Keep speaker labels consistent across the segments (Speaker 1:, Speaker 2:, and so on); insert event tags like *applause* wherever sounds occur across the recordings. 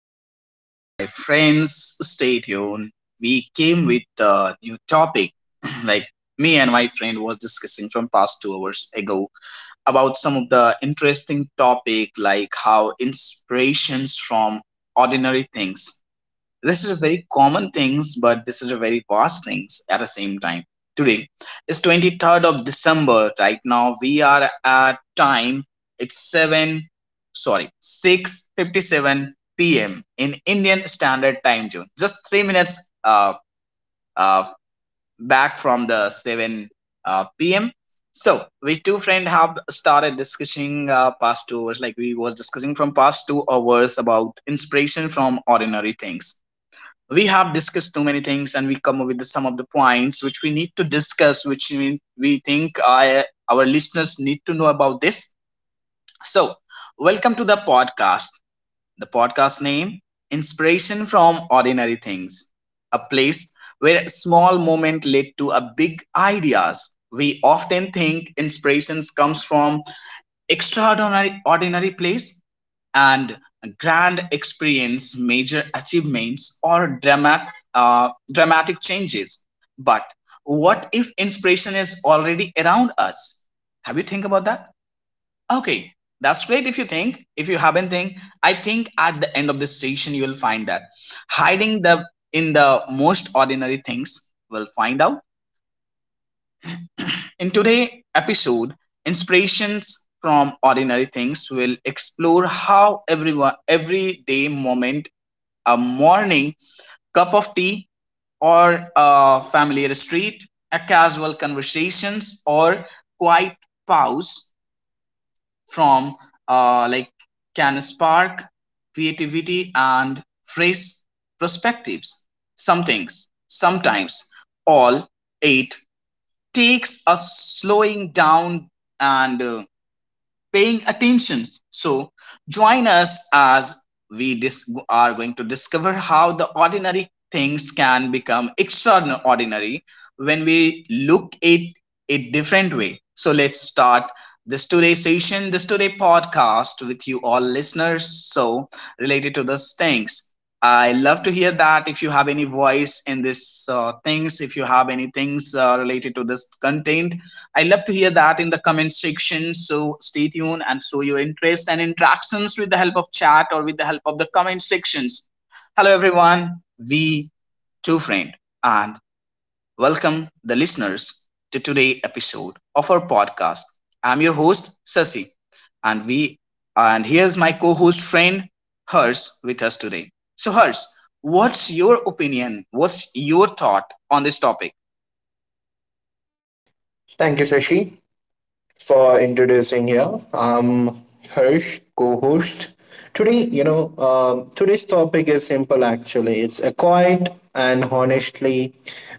Speaker 1: Hello, hi, dear my friends. Stay tuned. We came with a new topic. *clears throat* like Me and my friend was discussing from past 2 hours ago about some of the interesting topic like how inspirations from ordinary things. This is a very common things, but this is a very vast things at the same time. Today is 23rd of december. Right now we are at time, it's 7, sorry, 6:57 p.m. in Indian standard time zone, just 3 minutes uh back from the 7 p.m. So we two friend have started discussing past 2 hours. Like, we was discussing from past 2 hours about inspiration from ordinary things. We have discussed too many things, and we come up with the, some of the points which we need to discuss, which we think, our listeners need to know about this. So welcome to the podcast. The podcast name, inspiration from ordinary things, a place where small moment led to a big ideas. We often think inspirations comes from extraordinary ordinary place and grand experience, major achievements, or dramatic changes. But what if inspiration is already around us? Have you think about that? Okay, that's great if you think. If you haven't think, I think at the end of this session you will find that hiding the, in the most ordinary things we'll find out. In today's episode, inspirations from ordinary things, will explore how everyone everyday moment, a morning cup of tea, or a familiar street, a casual conversations, or quiet pause from, uh, like can spark creativity and fresh perspectives. Sometimes all it takes a slowing down and paying attention. So join us as we are going to discover how the ordinary things can become extraordinary when we look at a different way. So let's start this today session, this today podcast with you all listeners. So related to those things, I love to hear that. If you have any voice in this things, if you have any things related to this content, I love to hear that in the comment section. So stay tuned and show your interest and interactions with the help of chat or with the help of the comment sections. Hello everyone, we two friend, and welcome the listeners to today episode of our podcast. I'm your host Sasi, and we and here's my co-host friend Hers with us today. So Hers, what's your opinion? What's your thought on this topic?
Speaker 2: Thank you, Sashi, for introducing here. I'm Harsh, co-host. Today's topic is simple. Actually, it's a quiet and honestly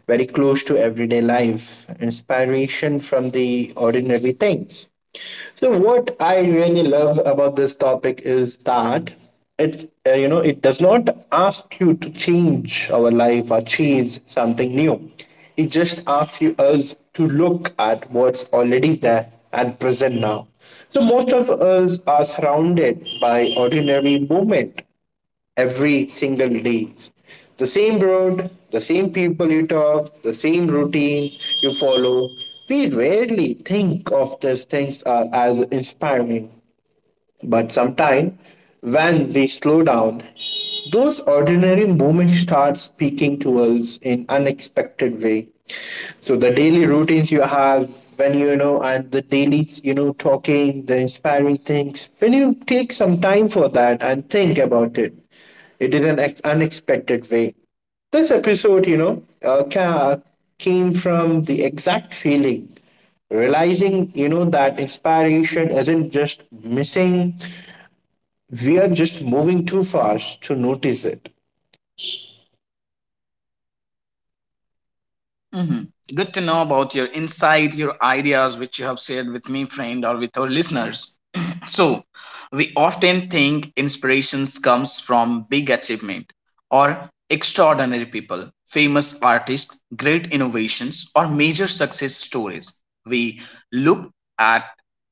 Speaker 2: very close to everyday life. Inspiration from the ordinary things. So, what I really love about this topic is that it's you know it does not ask you to change our life or change something new. It just asks you us to look at what's already there at present now. So most of us are surrounded by ordinary movement every single day. The same road, the same people you talk, the same routine you follow. We rarely think of these things are as inspiring. But sometime when we slow down, those ordinary moments start speaking to us in unexpected way. So the daily routines you have when and the daily talking, the inspiring things, when you take some time for that and think about it, it is an unexpected way. This episode came from the exact feeling, realizing that inspiration isn't just missing, we are just moving too fast to notice it.
Speaker 1: Hmm, good to know about your insight, your ideas, which you have shared with me, friend, or with our listeners. *clears throat* So, we often think inspirations comes from big achievement or extraordinary people, famous artists, great innovations, or major success stories. We look at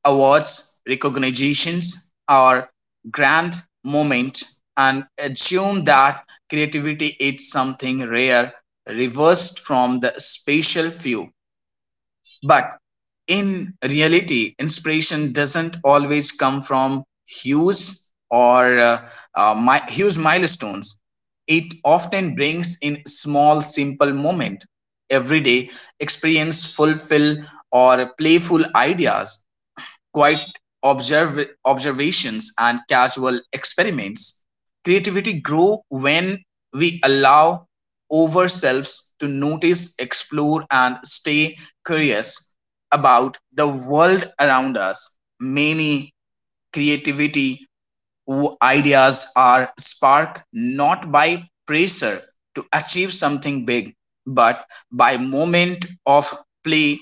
Speaker 1: awards, recognitions, or grand moment, and assume that creativity is something rare, reversed from the spatial view. But in reality, inspiration doesn't always come from huge or huge milestones. It often brings in small, simple moment, everyday experience, fulfill or playful ideas, quiet observations and casual experiments. Creativity grow when we allow ourselves to notice, explore, and stay curious about the world around us. Many creativity ideas are sparked not by pressure to achieve something big, but by moment of play,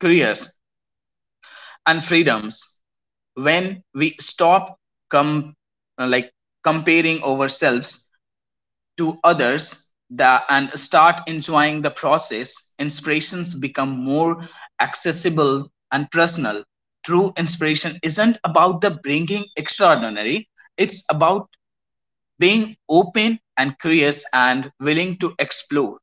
Speaker 1: curious, and freedoms. When we stop com- uh, like comparing ourselves to others, the, and start enjoying the process, inspirations become more accessible and personal. True inspiration isn't about the bringing extraordinary, it's about being open and curious and willing to explore.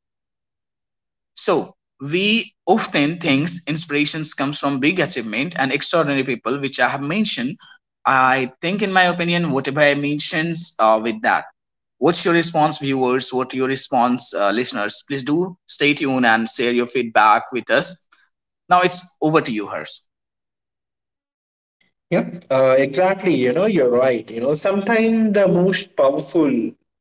Speaker 1: So we often thinks inspirations comes from big achievement and extraordinary people, which I have mentioned. I think, in my opinion, whatever I mentions with that. What's your response, viewers? What your response, listeners? Please do stay tuned and share your feedback with us. Now it's over to you, Hers.
Speaker 2: Yep, exactly. You know, you're right. You know, sometimes the most powerful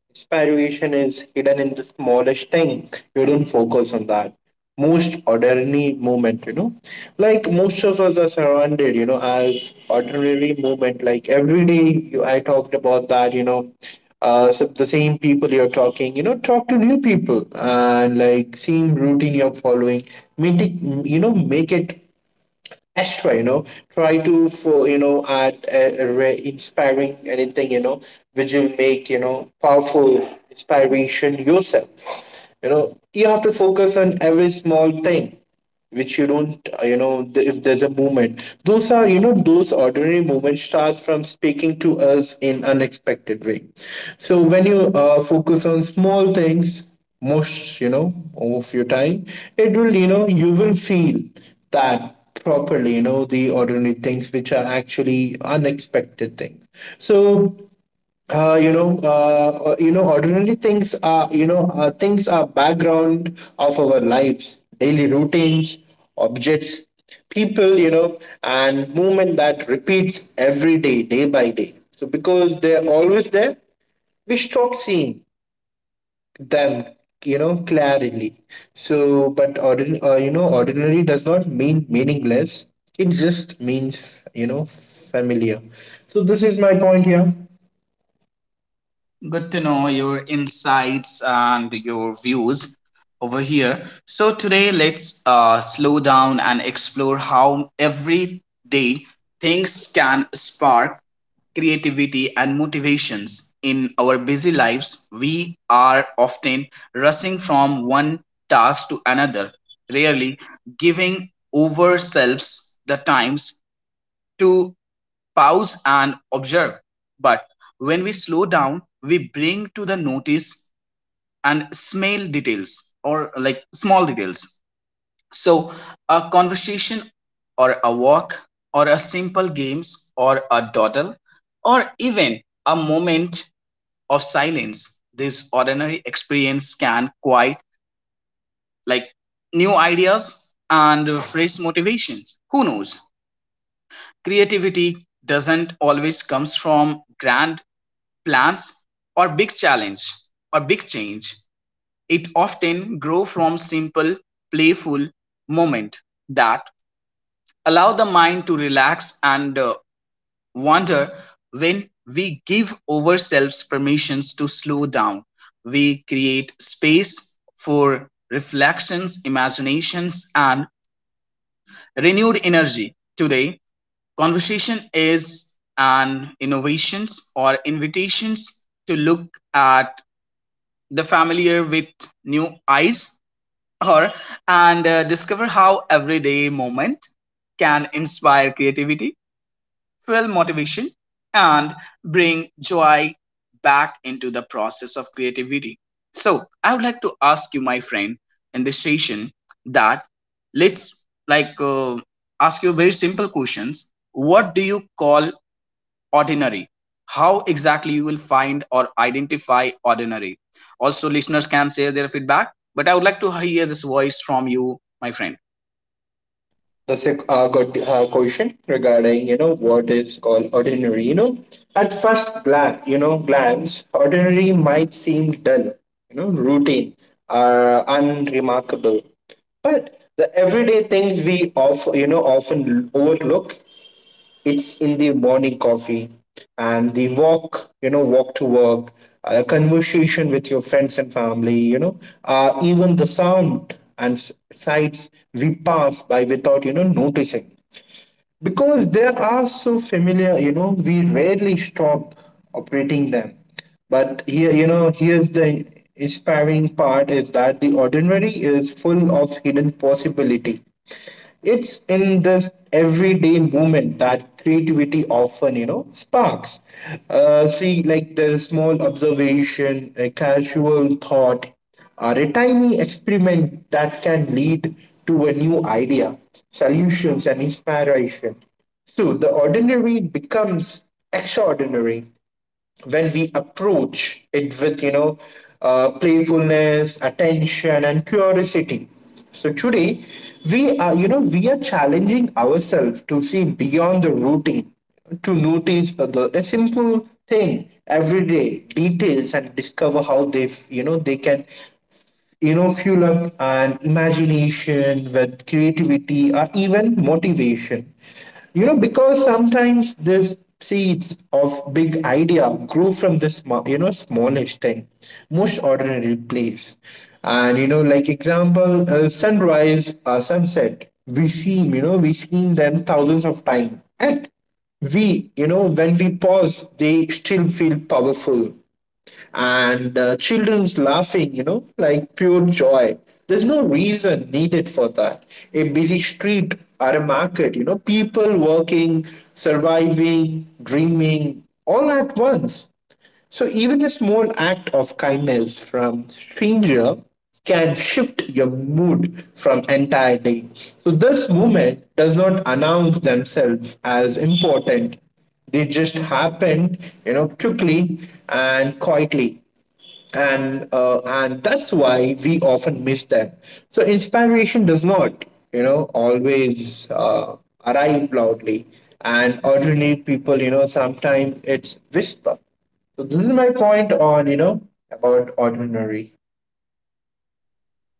Speaker 2: inspiration is hidden in the smallest thing. You don't focus on that. Most ordinary moment, you know, like most of us are surrounded, you know, as ordinary moment. Like every day, you, I talked about that, so the same people you're talking, you know, talk to new people and like same routine you're following, make it, you know, make it extra, try to for add a inspiring anything, which will make powerful inspiration yourself. You know, you have to focus on every small thing which you don't. If there's a movement, those are, those ordinary movements, starts from speaking to us in unexpected way. So when you focus on small things most, of your time, it will, you will feel that properly, you know, the ordinary things which are actually unexpected things. So ordinary things are, things are background of our lives, daily routines, objects, people, and movement that repeats every day day by day. So because they're always there, we stop seeing them, clarity. So but ordinary does not mean meaningless. It just means, familiar. So this is my point here.
Speaker 1: Good to know your insights and your views over here. So, today let's slow down and explore how everyday things can spark creativity and motivations. In our busy lives, we are often rushing from one task to another, rarely giving ourselves the times to pause and observe. But when we slow down, we bring to the notice and smell details or like small details. So a conversation or a walk or a simple games or a dawdle or even a moment of silence. This ordinary experience can quite like new ideas and fresh motivation. Who knows? Creativity doesn't always comes from grand plans or big challenge or big change, it often grow from simple, playful moment that allow the mind to relax and wander. When we give ourselves permissions to slow down, we create space for reflections, imaginations, and renewed energy. Today, conversation is an innovations or invitations to look at the familiar with new eyes, or and discover how everyday moment can inspire creativity, fuel motivation, and bring joy back into the process of creativity. So I would like to ask you, my friend, in this session, that let's ask you very simple questions. What do you call ordinary? How exactly you will find or identify ordinary? Also listeners can share their feedback, but I would like to hear this voice from you, my friend.
Speaker 2: Got question regarding, what is called ordinary. You know, at first glance, ordinary might seem dull, you know, routine or unremarkable. But the everyday things we of, often overlook, it's in the morning coffee and the walk you know walk to work, a conversation with your friends and family. Even the sound and sights we pass by without, noticing. Because they are so familiar, you know, we rarely stop operating them. But here, here's the inspiring part is that the ordinary is full of hidden possibility. It's in this everyday moment that creativity often, you know, sparks. See, like the small observation, a casual thought, or a tiny experiment that can lead to a new idea, solutions, and inspiration. So the ordinary becomes extraordinary when we approach it with playfulness, attention, and curiosity. So today we are, we are challenging ourselves to see beyond the routine, to notice the, a simple thing every day details, and discover how they, they can, fuel up an imagination with creativity or even motivation. You know, because sometimes this seeds of big idea grow from this smallish thing, most ordinary place. And like example, sunrise or sunset, we see, we seen them thousands of times. And we, when we pause, they still feel powerful. And children's laughing, you know, like pure joy. There's no reason needed for that. A busy street or a market, you know, people working, surviving, dreaming, all at once. So even a small act of kindness from stranger can shift your mood from entire day. So this movement does not announce themselves as important. They just happened, you know, quickly and quietly. And that's why we often miss them. So inspiration does not, you know always arrive loudly. And ordinary people, you know, sometimes it's whisper. So this is my point on, about ordinary.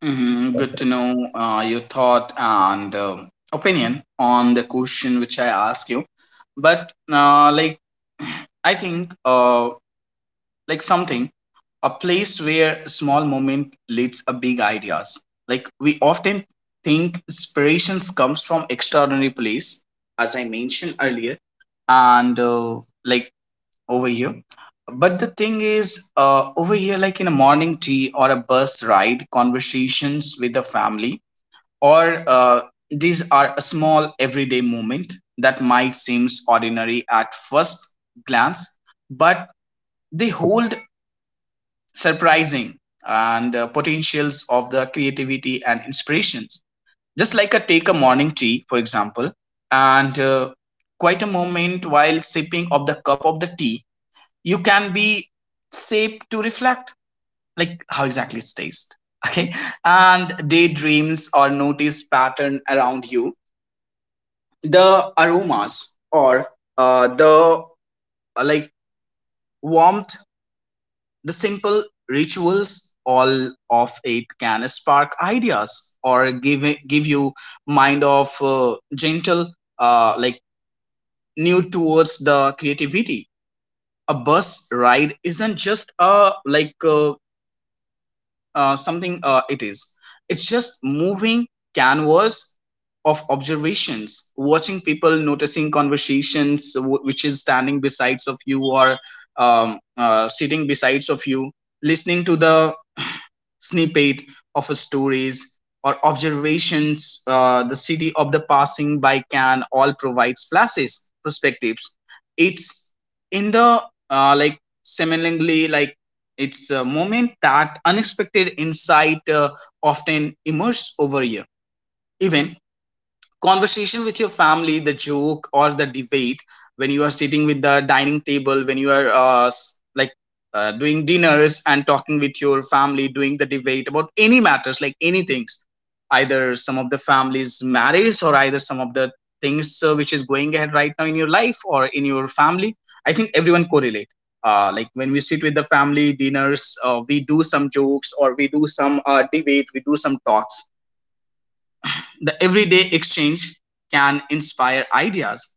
Speaker 1: Hmm, good to know your thought and opinion on the question which I ask you. But I think, something, a place where small moment leads a big ideas. Like, we often think inspirations comes from extraordinary place, as I mentioned earlier, and like over here. But the thing is, over here, like in a morning tea or a bus ride conversations with the family, or uh, these are a small everyday moment that might seems ordinary at first glance, but they hold surprising and potentials of the creativity and inspirations. Just like a take a morning tea for example, and quite a moment while sipping of the cup of the tea, you can be safe to reflect like how exactly it's tastes. *laughs* Okay, and daydreams or notice pattern around you, the aromas or the like warmth. The simple rituals, all of it can spark ideas or give you mind of gentle uh, like new towards the creativity. A bus ride isn't just a like something it is. It's just moving canvas of observations, watching people, noticing conversations which is standing besides of you, or sitting besides of you, listening to the snippet of a stories or observations. Uh, the city of the passing by can all provides flashes perspectives. It's in the like seemingly like it's a moment that unexpected insight often emerges over here. Even conversation with your family, the joke or the debate, when you are sitting with the dining table, when you are doing dinners and talking with your family, doing the debate about any matters, like any things, either some of the family's marriage or either some of the things which is going ahead right now in your life or in your family. I think everyone correlate. When we sit with the family dinners, we do some jokes, or we do some debate, we do some talks. The everyday exchange can inspire ideas,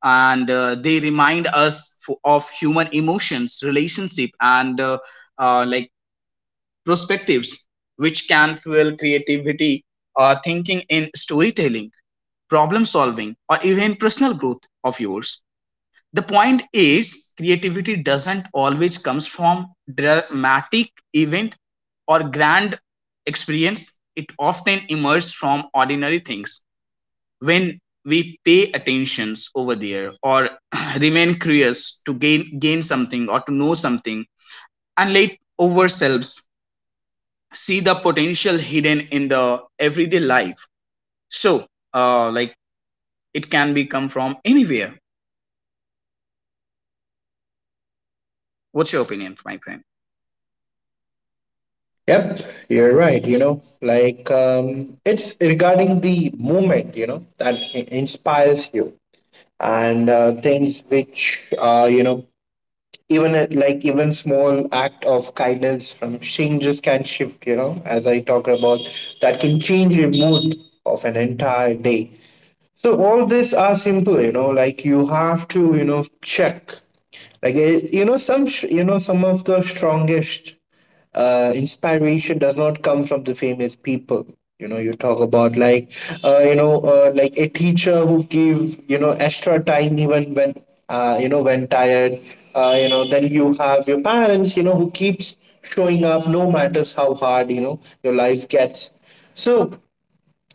Speaker 1: and they remind us of human emotions, relationship, and uh, like perspectives, which can fuel creativity, thinking in storytelling, problem solving, or even personal growth of yours. The point is, creativity doesn't always comes from dramatic event or grand experience, it often emerges from ordinary things when we pay attentions over there, or *clears throat* remain curious to gain something or to know something, and let ourselves see the potential hidden in the everyday life. So uh, like it can be come from anywhere. What's your opinion, my friend?
Speaker 2: yep you're right. You know, like it's regarding the movement, you know, that inspires you. And things which you know, even a, like even small act of kindness from strangers can shift, you know, as I talk about, that can change your mood of an entire day. So all this are simple, you know, like you have to, you know, check. Like, some some of the strongest inspiration does not come from the famous people. You know, you talk about like like a teacher who give, extra time even when when tired. You know, then you have your parents, you know, who keeps showing up no matters how hard, your life gets. So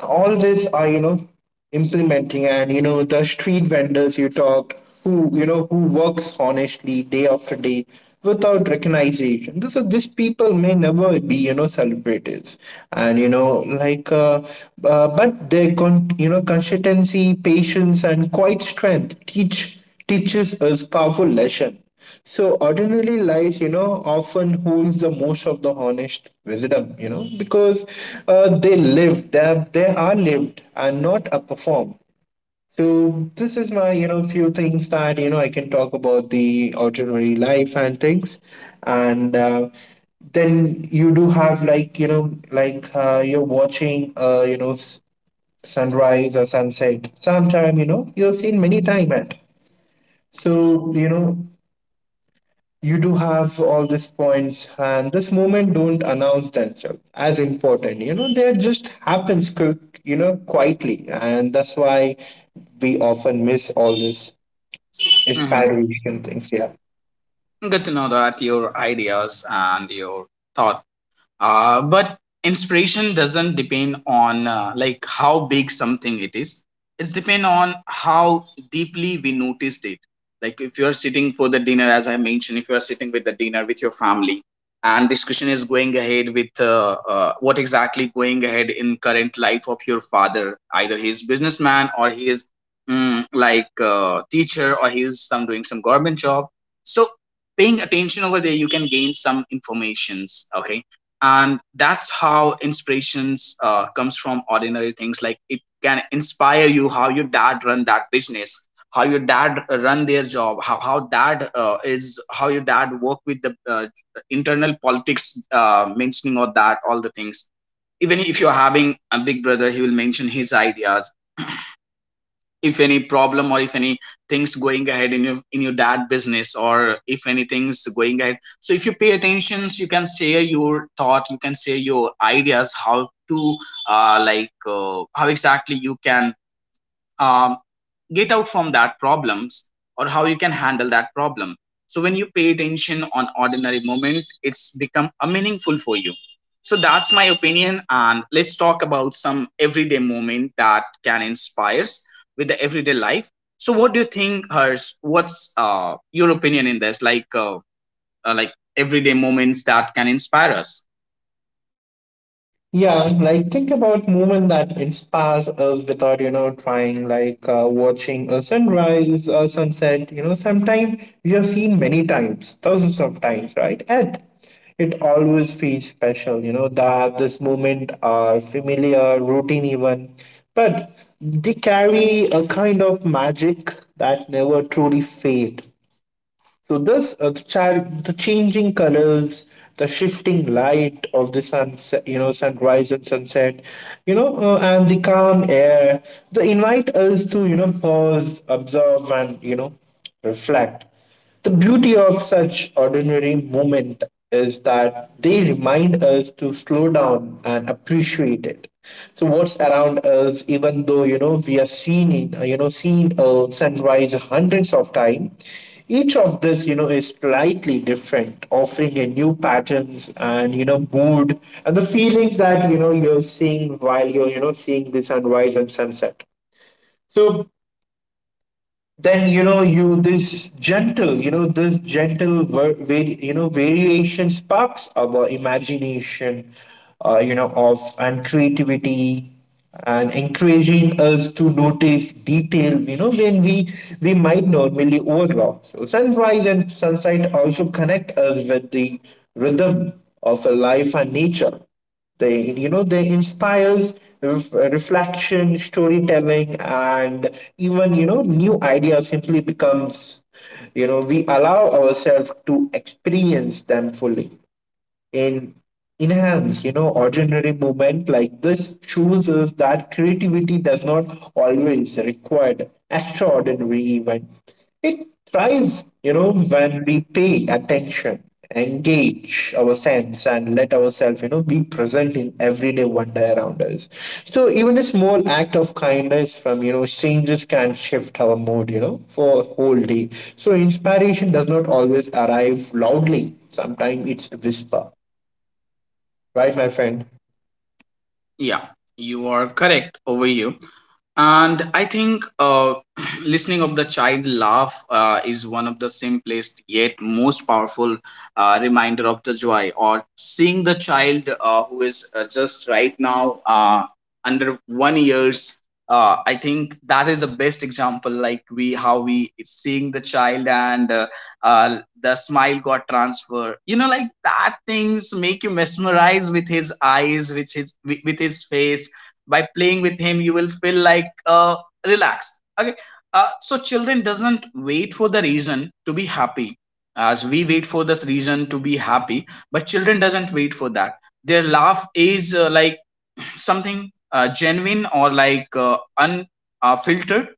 Speaker 2: all this are, implementing. And you know the street vendors you talked who, who works honestly day after day without recognition. This these people may never be, celebrities. And you know like but their consistency, patience, and quiet strength teaches us powerful lesson. So ordinary life, you know, often holds the most of the honest wisdom, you know, because they live, they are lived and not a perform. So this is my, you know, few things that, you know, I can talk about the ordinary life and things. And then you do have like, you know, like you're watching sunrise or sunset. Sometime, you know, you've seen many time at. So you know you do have all these points and this moment don't announce themselves as important. You know, they just happens quick, you know, quietly. And that's why we often miss all this
Speaker 1: Hmm,
Speaker 2: inspiration things, yeah.
Speaker 1: good to know that your ideas and your thoughts. But inspiration doesn't depend on how big something it is. It's depend on how deeply we noticed it. Like if you are sitting for the dinner, as I mentioned, if you are sitting with the dinner with your family, and discussion is going ahead with what exactly going ahead in current life of your father. Either he is businessman, or he is, mm, teacher, or he is some doing some government job. So paying attention over there, you can gain some informations. Okay, and that's how inspirations comes from ordinary things. Like it can inspire you how your dad run that business, how your dad run their job, how dad is, how your dad work with the internal politics, mentioning all that, all the things. Even if you're having a big brother, he will mention his ideas. If any problem or if any things going ahead in your dad business, or if anything's going ahead, so if you pay attention you can share your thought, you can share your ideas how to like how exactly you can um, get out from that problems, or how you can handle that problem. So when you pay attention on ordinary moment, it's become a meaningful for you. So that's my opinion, and let's talk about some everyday moment that can inspires with the everyday life. So what do you think, Hers? What's your opinion in this, like everyday moments that can inspire us?
Speaker 2: Yeah, like think about moment that inspires us without, you know, trying, like watching a sunrise, a sunset. You know, sometimes we have seen many times, thousands of times, right? And it always feels special, you know, that this moment are familiar, routine even, but they carry a kind of magic that never truly fade. So this the changing colors, the shifting light of the sunset, you know, sunrise and sunset, and the calm air, they invite us to, you know, pause, observe, and, you know, reflect. The beauty of such ordinary moment is that they remind us to slow down and appreciate it. So what's around us, even though, you know, we are seen in, seen a sunrise hundreds of times, each of this, you know, is slightly different, offering a new patterns and, you know, mood, and the feelings that, you know, you're seeing while you're, you know, seeing the sunrise and sunset. So then, you know, you this gentle, you know, this gentle variation sparks our imagination, of and creativity, and encouraging us to notice detail, you know, when we might normally overlook. So sunrise and sunset also connect us with the rhythm of a life and nature. They, you know, they inspires reflection, storytelling, and even, you know, new ideas simply becomes, you know, we allow ourselves to experience them fully in enhance. You know, ordinary movement like this shows us that creativity does not always require extraordinary event. It thrives, you know, when we pay attention, engage our sense, and let ourselves, you know, be present in everyday wonder around us. So even a small act of kindness from, you know, strangers can shift our mood, you know, for whole day. So inspiration does not always arrive loudly. Sometimes it's a whisper. Right, my friend.
Speaker 1: Yeah, you are correct over you. And I think *clears throat* listening of the child laugh is one of the simplest yet most powerful reminder of the joy, or seeing the child who is just right now under 1 years. I think that is the best example, like we how we seeing the child, and the smile got transfer, you know, like that things make you mesmerize with his eyes, with his face. By playing with him you will feel like relaxed. Okay. So children doesn't wait for the reason to be happy, as we wait for this reason to be happy, but children doesn't wait for that. Their laugh is like something genuine, or like unfiltered. uh,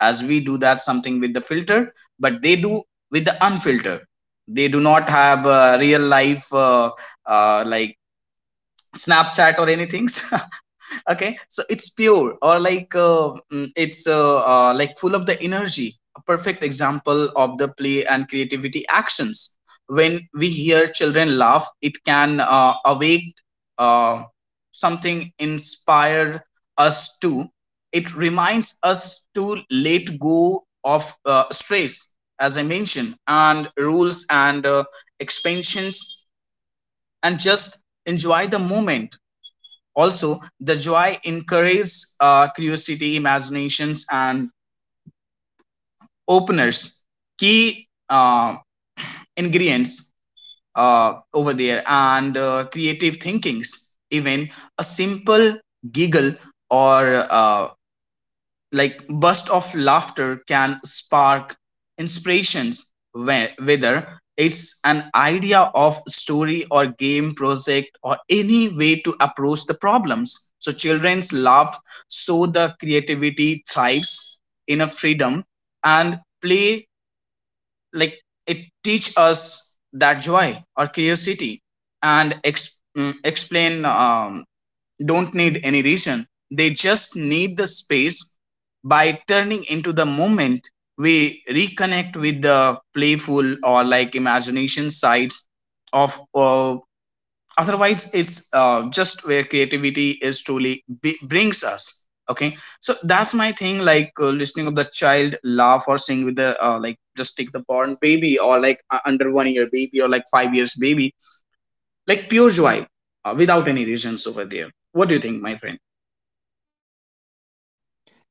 Speaker 1: as we do that something with the filter, but they do with the unfiltered. They do not have real life like snapchat or anything. *laughs* Okay, so it's pure, or like it's like full of the energy, a perfect example of the play and creativity actions. When we hear children laugh, it can awake uh, something inspired us to, it reminds us to let go of stress, as I mentioned, and rules and expansions, and just enjoy the moment. Also, the joy encourages curiosity, imaginations, and openers. Key ingredients over there, and creative thinkings. Even a simple giggle or like burst of laughter can spark inspirations, whether it's an idea of story or game project, or any way to approach the problems. So children's laugh, so the creativity thrives in a freedom and play. Like it teach us that joy or curiosity and explain don't need any reason. They just need the space. By turning into the moment, we reconnect with the playful or like imagination sides of otherwise it's just where creativity is truly brings us. Okay, so that's my thing, like listening of the child laugh or sing with the like, just take the born baby, or like under 1 year baby, or like 5 years baby, like pure joy without any reasons over there. What do you think, my friend?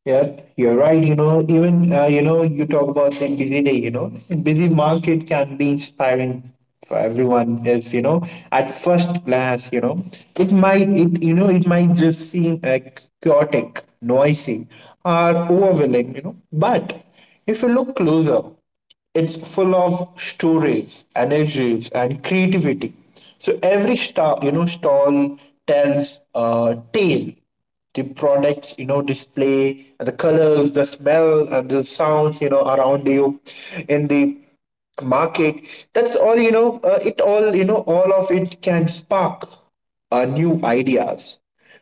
Speaker 2: Yeah, you're right. You know, even you know, you talk about the busy day. You know, busy market can be inspiring for everyone. If you know, at first glance, you know, it might, it might just seem chaotic, noisy, or overwhelming. You know, but if you look closer, it's full of stories, energies, and creativity. So every stall tells a tale, the products display the colors, the smell, and the sounds around you in the market. That's all you know it all you know all of it can spark new ideas.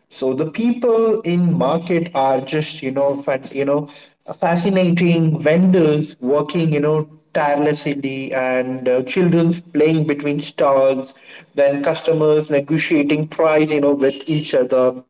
Speaker 2: So the people in market are just fascinating vendors working tirelessly, and children playing between stalls, then customers negotiating price with each other,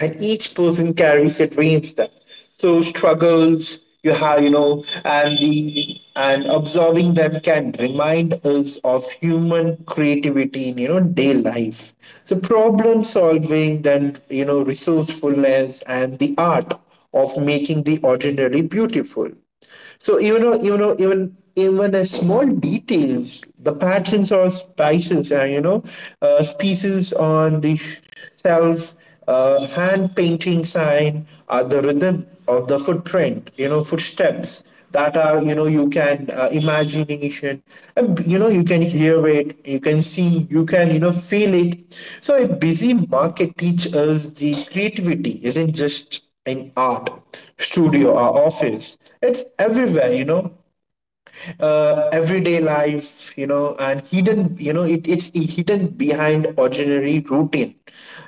Speaker 2: and each person carries their dreams there. So struggles you have, and the and observing them can remind us of human creativity in day life. So problem solving, then resourcefulness and the art of making the ordinary beautiful. So even the small details, the patterns or spices, pieces on the self, hand painting sign, are the rhythm of the footsteps that are, you can imagination, and, you can hear it, you can see, you can feel it. So a busy market teach us the creativity isn't just in art, studio, or office. It's everywhere. Everyday life, and hidden, it's hidden behind ordinary routine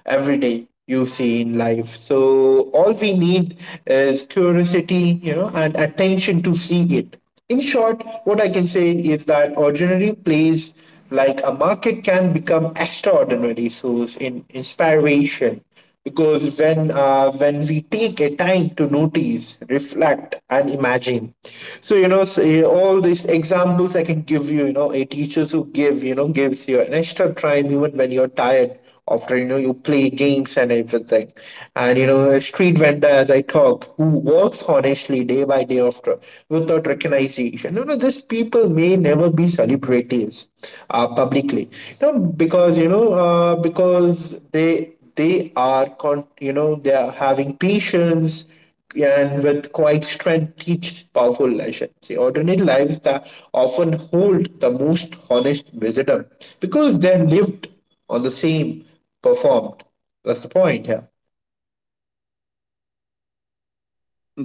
Speaker 2: every day you see in life. So all we need is curiosity, and attention to see it. In short, what I can say is that ordinary place like a market can become extraordinary source in inspiration, because when we take a time to notice, reflect, and imagine. So say all these examples I can give you, you know a teachers who gives you an extra time even when you're tired after you play games and everything, and a street vendor as I talk who works honestly day by day after without recognition. These people may never be celebrities publicly, you know because they are con- you know they are having patience, and with quiet strength teach powerful lessons. See, ordinary lives that often hold the most honest wisdom because they're lived on the same performed. That's the point here.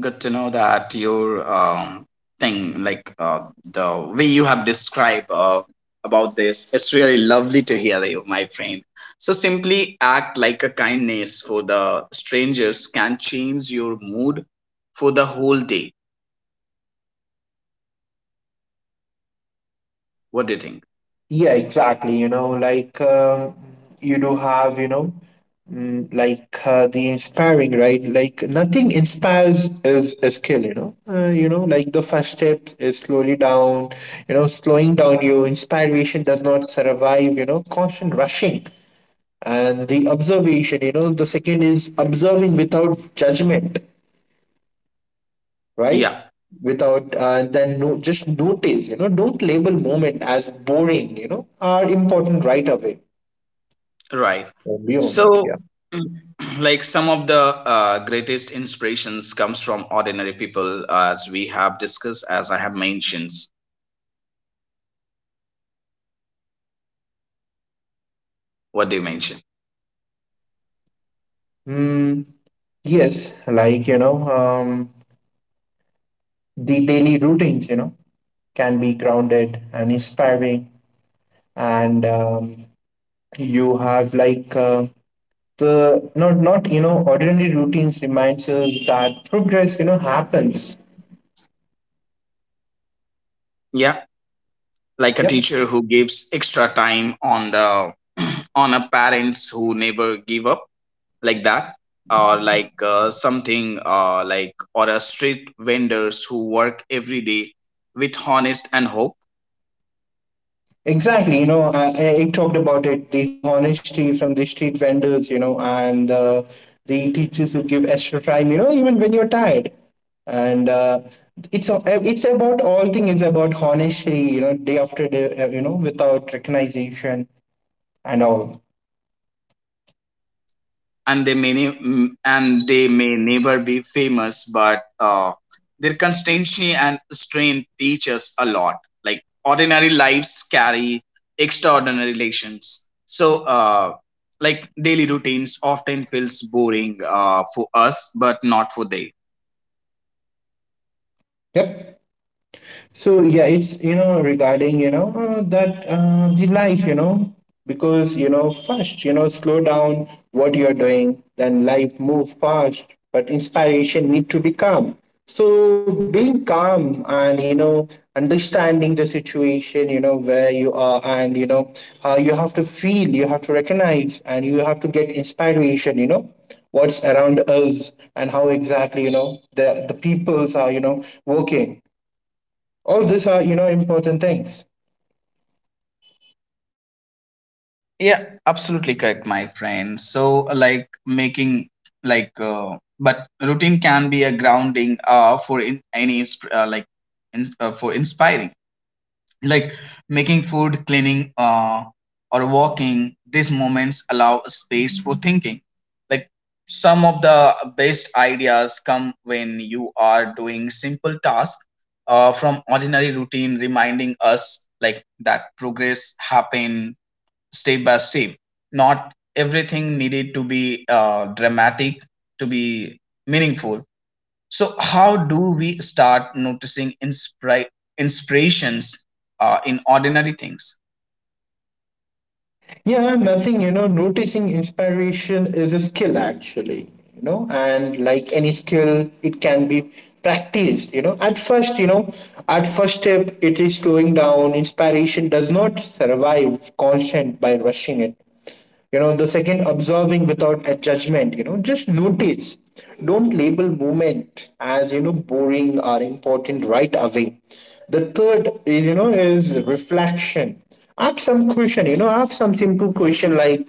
Speaker 1: Good to know that your thing, like the way you have described about this, it's really lovely to hear you, my friend. So simply act like a kindness for the strangers can change your mood for the whole day. What do you think?
Speaker 2: Yeah, exactly. You do have, the inspiring, right? Nothing inspires is a skill. The first step is slowly down, slowing down you. Inspiration does not survive constant rushing and the observation. The second is observing without judgment, right?
Speaker 1: Yeah,
Speaker 2: Without then no, just notice. Don't label moment as boring are important right away,
Speaker 1: right.
Speaker 2: or beyond that.
Speaker 1: So,
Speaker 2: Yeah.
Speaker 1: *clears throat* like some of the greatest inspirations comes from ordinary people, as we have discussed, as I have mentioned. What do you mention?
Speaker 2: Mm, yes. like you know um the daily routines, can be grounded and inspiring. And you have, the not ordinary routines reminds us that progress happens.
Speaker 1: Yeah. Like a
Speaker 2: Yep,
Speaker 1: teacher who gives extra time on the, *clears throat* on a parents who never give up, like that, or like something like, or a street vendors who work every day with honest and hope.
Speaker 2: exactly. I talked about it, the honesty from the street vendors, and the teachers who give extra time even when you're tired. And it's about all things, is about honesty, day after day, without recognition and all.
Speaker 1: And they may and they may never be famous, but their constancy and strain teach us a lot. Like ordinary lives carry extraordinary lessons. So, like daily routines often feels boring for us, but not for they.
Speaker 2: Yep. So yeah, it's regarding that the life, because first slow down what you're doing, then life move fast, but inspiration need to be calm. So being calm and understanding the situation, where you are, and you have to feel, you have to recognize, and you have to get inspiration, what's around us, and how exactly the peoples are working. All these are important things.
Speaker 1: Yeah, absolutely correct, my friend. So, like making like, but routine can be a grounding for in any like in, for inspiring, like making food, cleaning, or walking, these moments allow a space for thinking. Like some of the best ideas come when you are doing simple tasks from ordinary routine, reminding us like that progress happen step by step. Not everything needed to be dramatic to be meaningful. So, how do we start noticing inspirations in ordinary things?
Speaker 2: Yeah, nothing. Noticing inspiration is a skill actually, and like any skill it can be practiced. At first step, it is slowing down. Inspiration does not survive constant by rushing it. The second, observing without a judgment, just notice. Don't label movement as boring or important right away. The third is is reflection. Ask some question, ask some simple question, like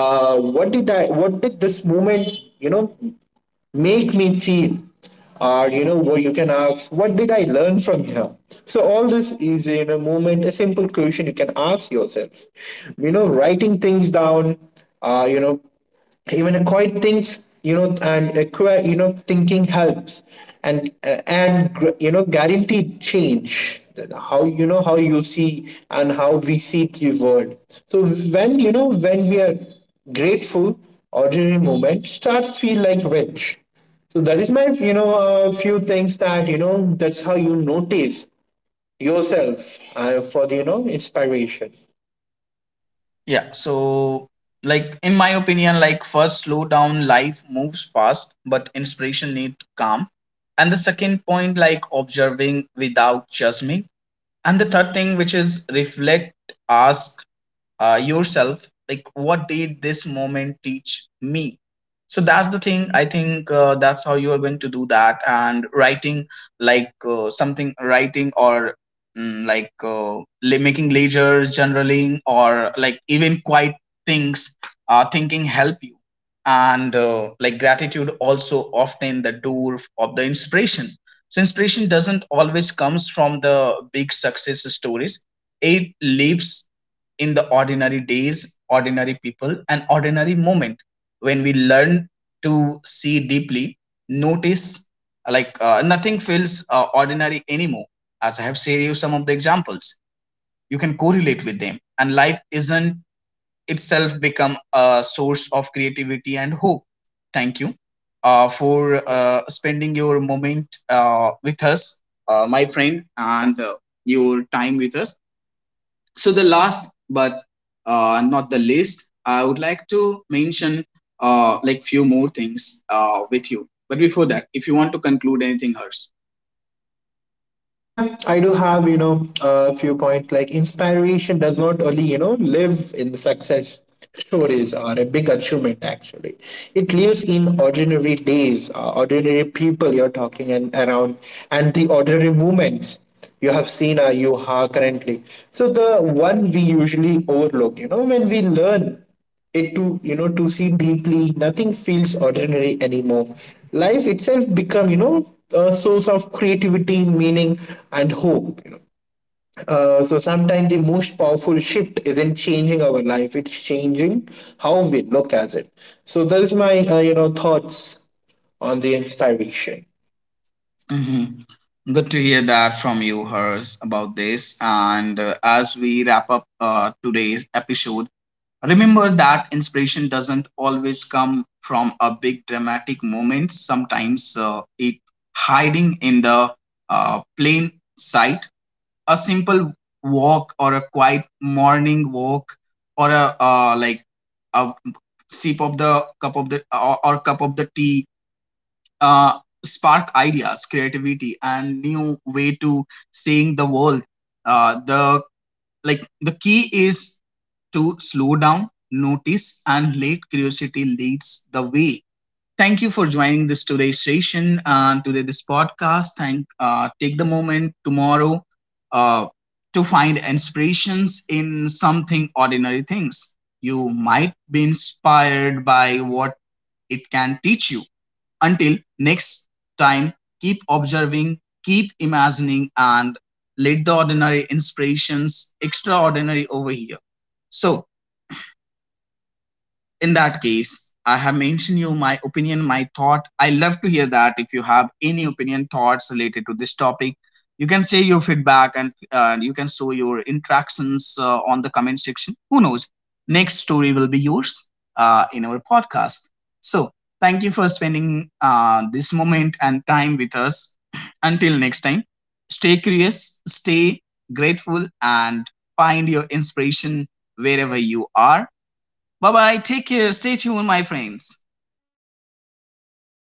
Speaker 2: what did this movement, you know make me feel? Or what, you can ask, what did I learn from here? So all this is in a moment, a simple question you can ask yourself. Writing things down, uh, you know even a quiet things, and a quiet thinking helps. And guaranteed change how you see, and how we see the world. So when you know when we are grateful, ordinary movement starts feel like rich. So that is my few things, that's how you notice yourself for the inspiration.
Speaker 1: Yeah. So, like in my opinion, like first, slow down. Life moves fast, but inspiration need calm. And the second point, like observing without judging. And the third thing, which is reflect, ask, yourself, like what did this moment teach me? So that's the thing, I think that's how you are going to do that. And writing, like something writing or like making leisure journaling, or like even quiet things thinking help you. And like gratitude also often the door of the inspiration. So inspiration doesn't always comes from the big success stories. It lives in the ordinary days, ordinary people, and ordinary moment. When we learn to see deeply, notice, like nothing feels ordinary anymore. As I have shared you some of the examples, you can correlate with them, and life isn't itself become a source of creativity and hope. Thank you for spending your moment with us, my friend, and your time with us. So the last but not the least, I would like to mention like few more things with you, but before that, if you want to conclude anything, Hers.
Speaker 2: Yeah, I do have, a few points. Like, inspiration does not only, live in success stories or a big achievement actually. It lives in ordinary days, ordinary people you're talking and around, and the ordinary moments you have seen or you are currently. So the one we usually overlook, when we learn it to to see deeply, nothing feels ordinary anymore. Life itself become a source of creativity, meaning, and hope. So sometimes the most powerful shift isn't changing our life, it's changing how we look at it. So that is my thoughts on the inspiration.
Speaker 1: Mhm. Good to hear that from you, Hers, about this. And as we wrap up today's episode, remember that inspiration doesn't always come from a big dramatic moment. Sometimes it hiding in the plain sight. A simple walk, or a quiet morning walk, or a like a sip of the cup of the, or cup of the tea uh, spark ideas, creativity, and new way to seeing the world. The like the key is to slow down, notice, and let curiosity leads the way. Thank you for joining this today's session and today this podcast. Thank Take the moment tomorrow uh, to find inspirations in something ordinary things. You might be inspired by what it can teach you. Until next time, keep observing, keep imagining, and let the ordinary inspirations extraordinary over here. So in that case, I have mentioned you my opinion, my thought. I love to hear that. If you have any opinion, thoughts related to this topic, you can say your feedback, and you can show your interactions on the comment section. Who knows? Next story will be yours in our podcast. So, thank you for spending this moment and time with us. *clears throat* Until next time, stay curious, stay grateful, and find your inspiration wherever you are. Bye bye. Take care. Stay tuned, my friends.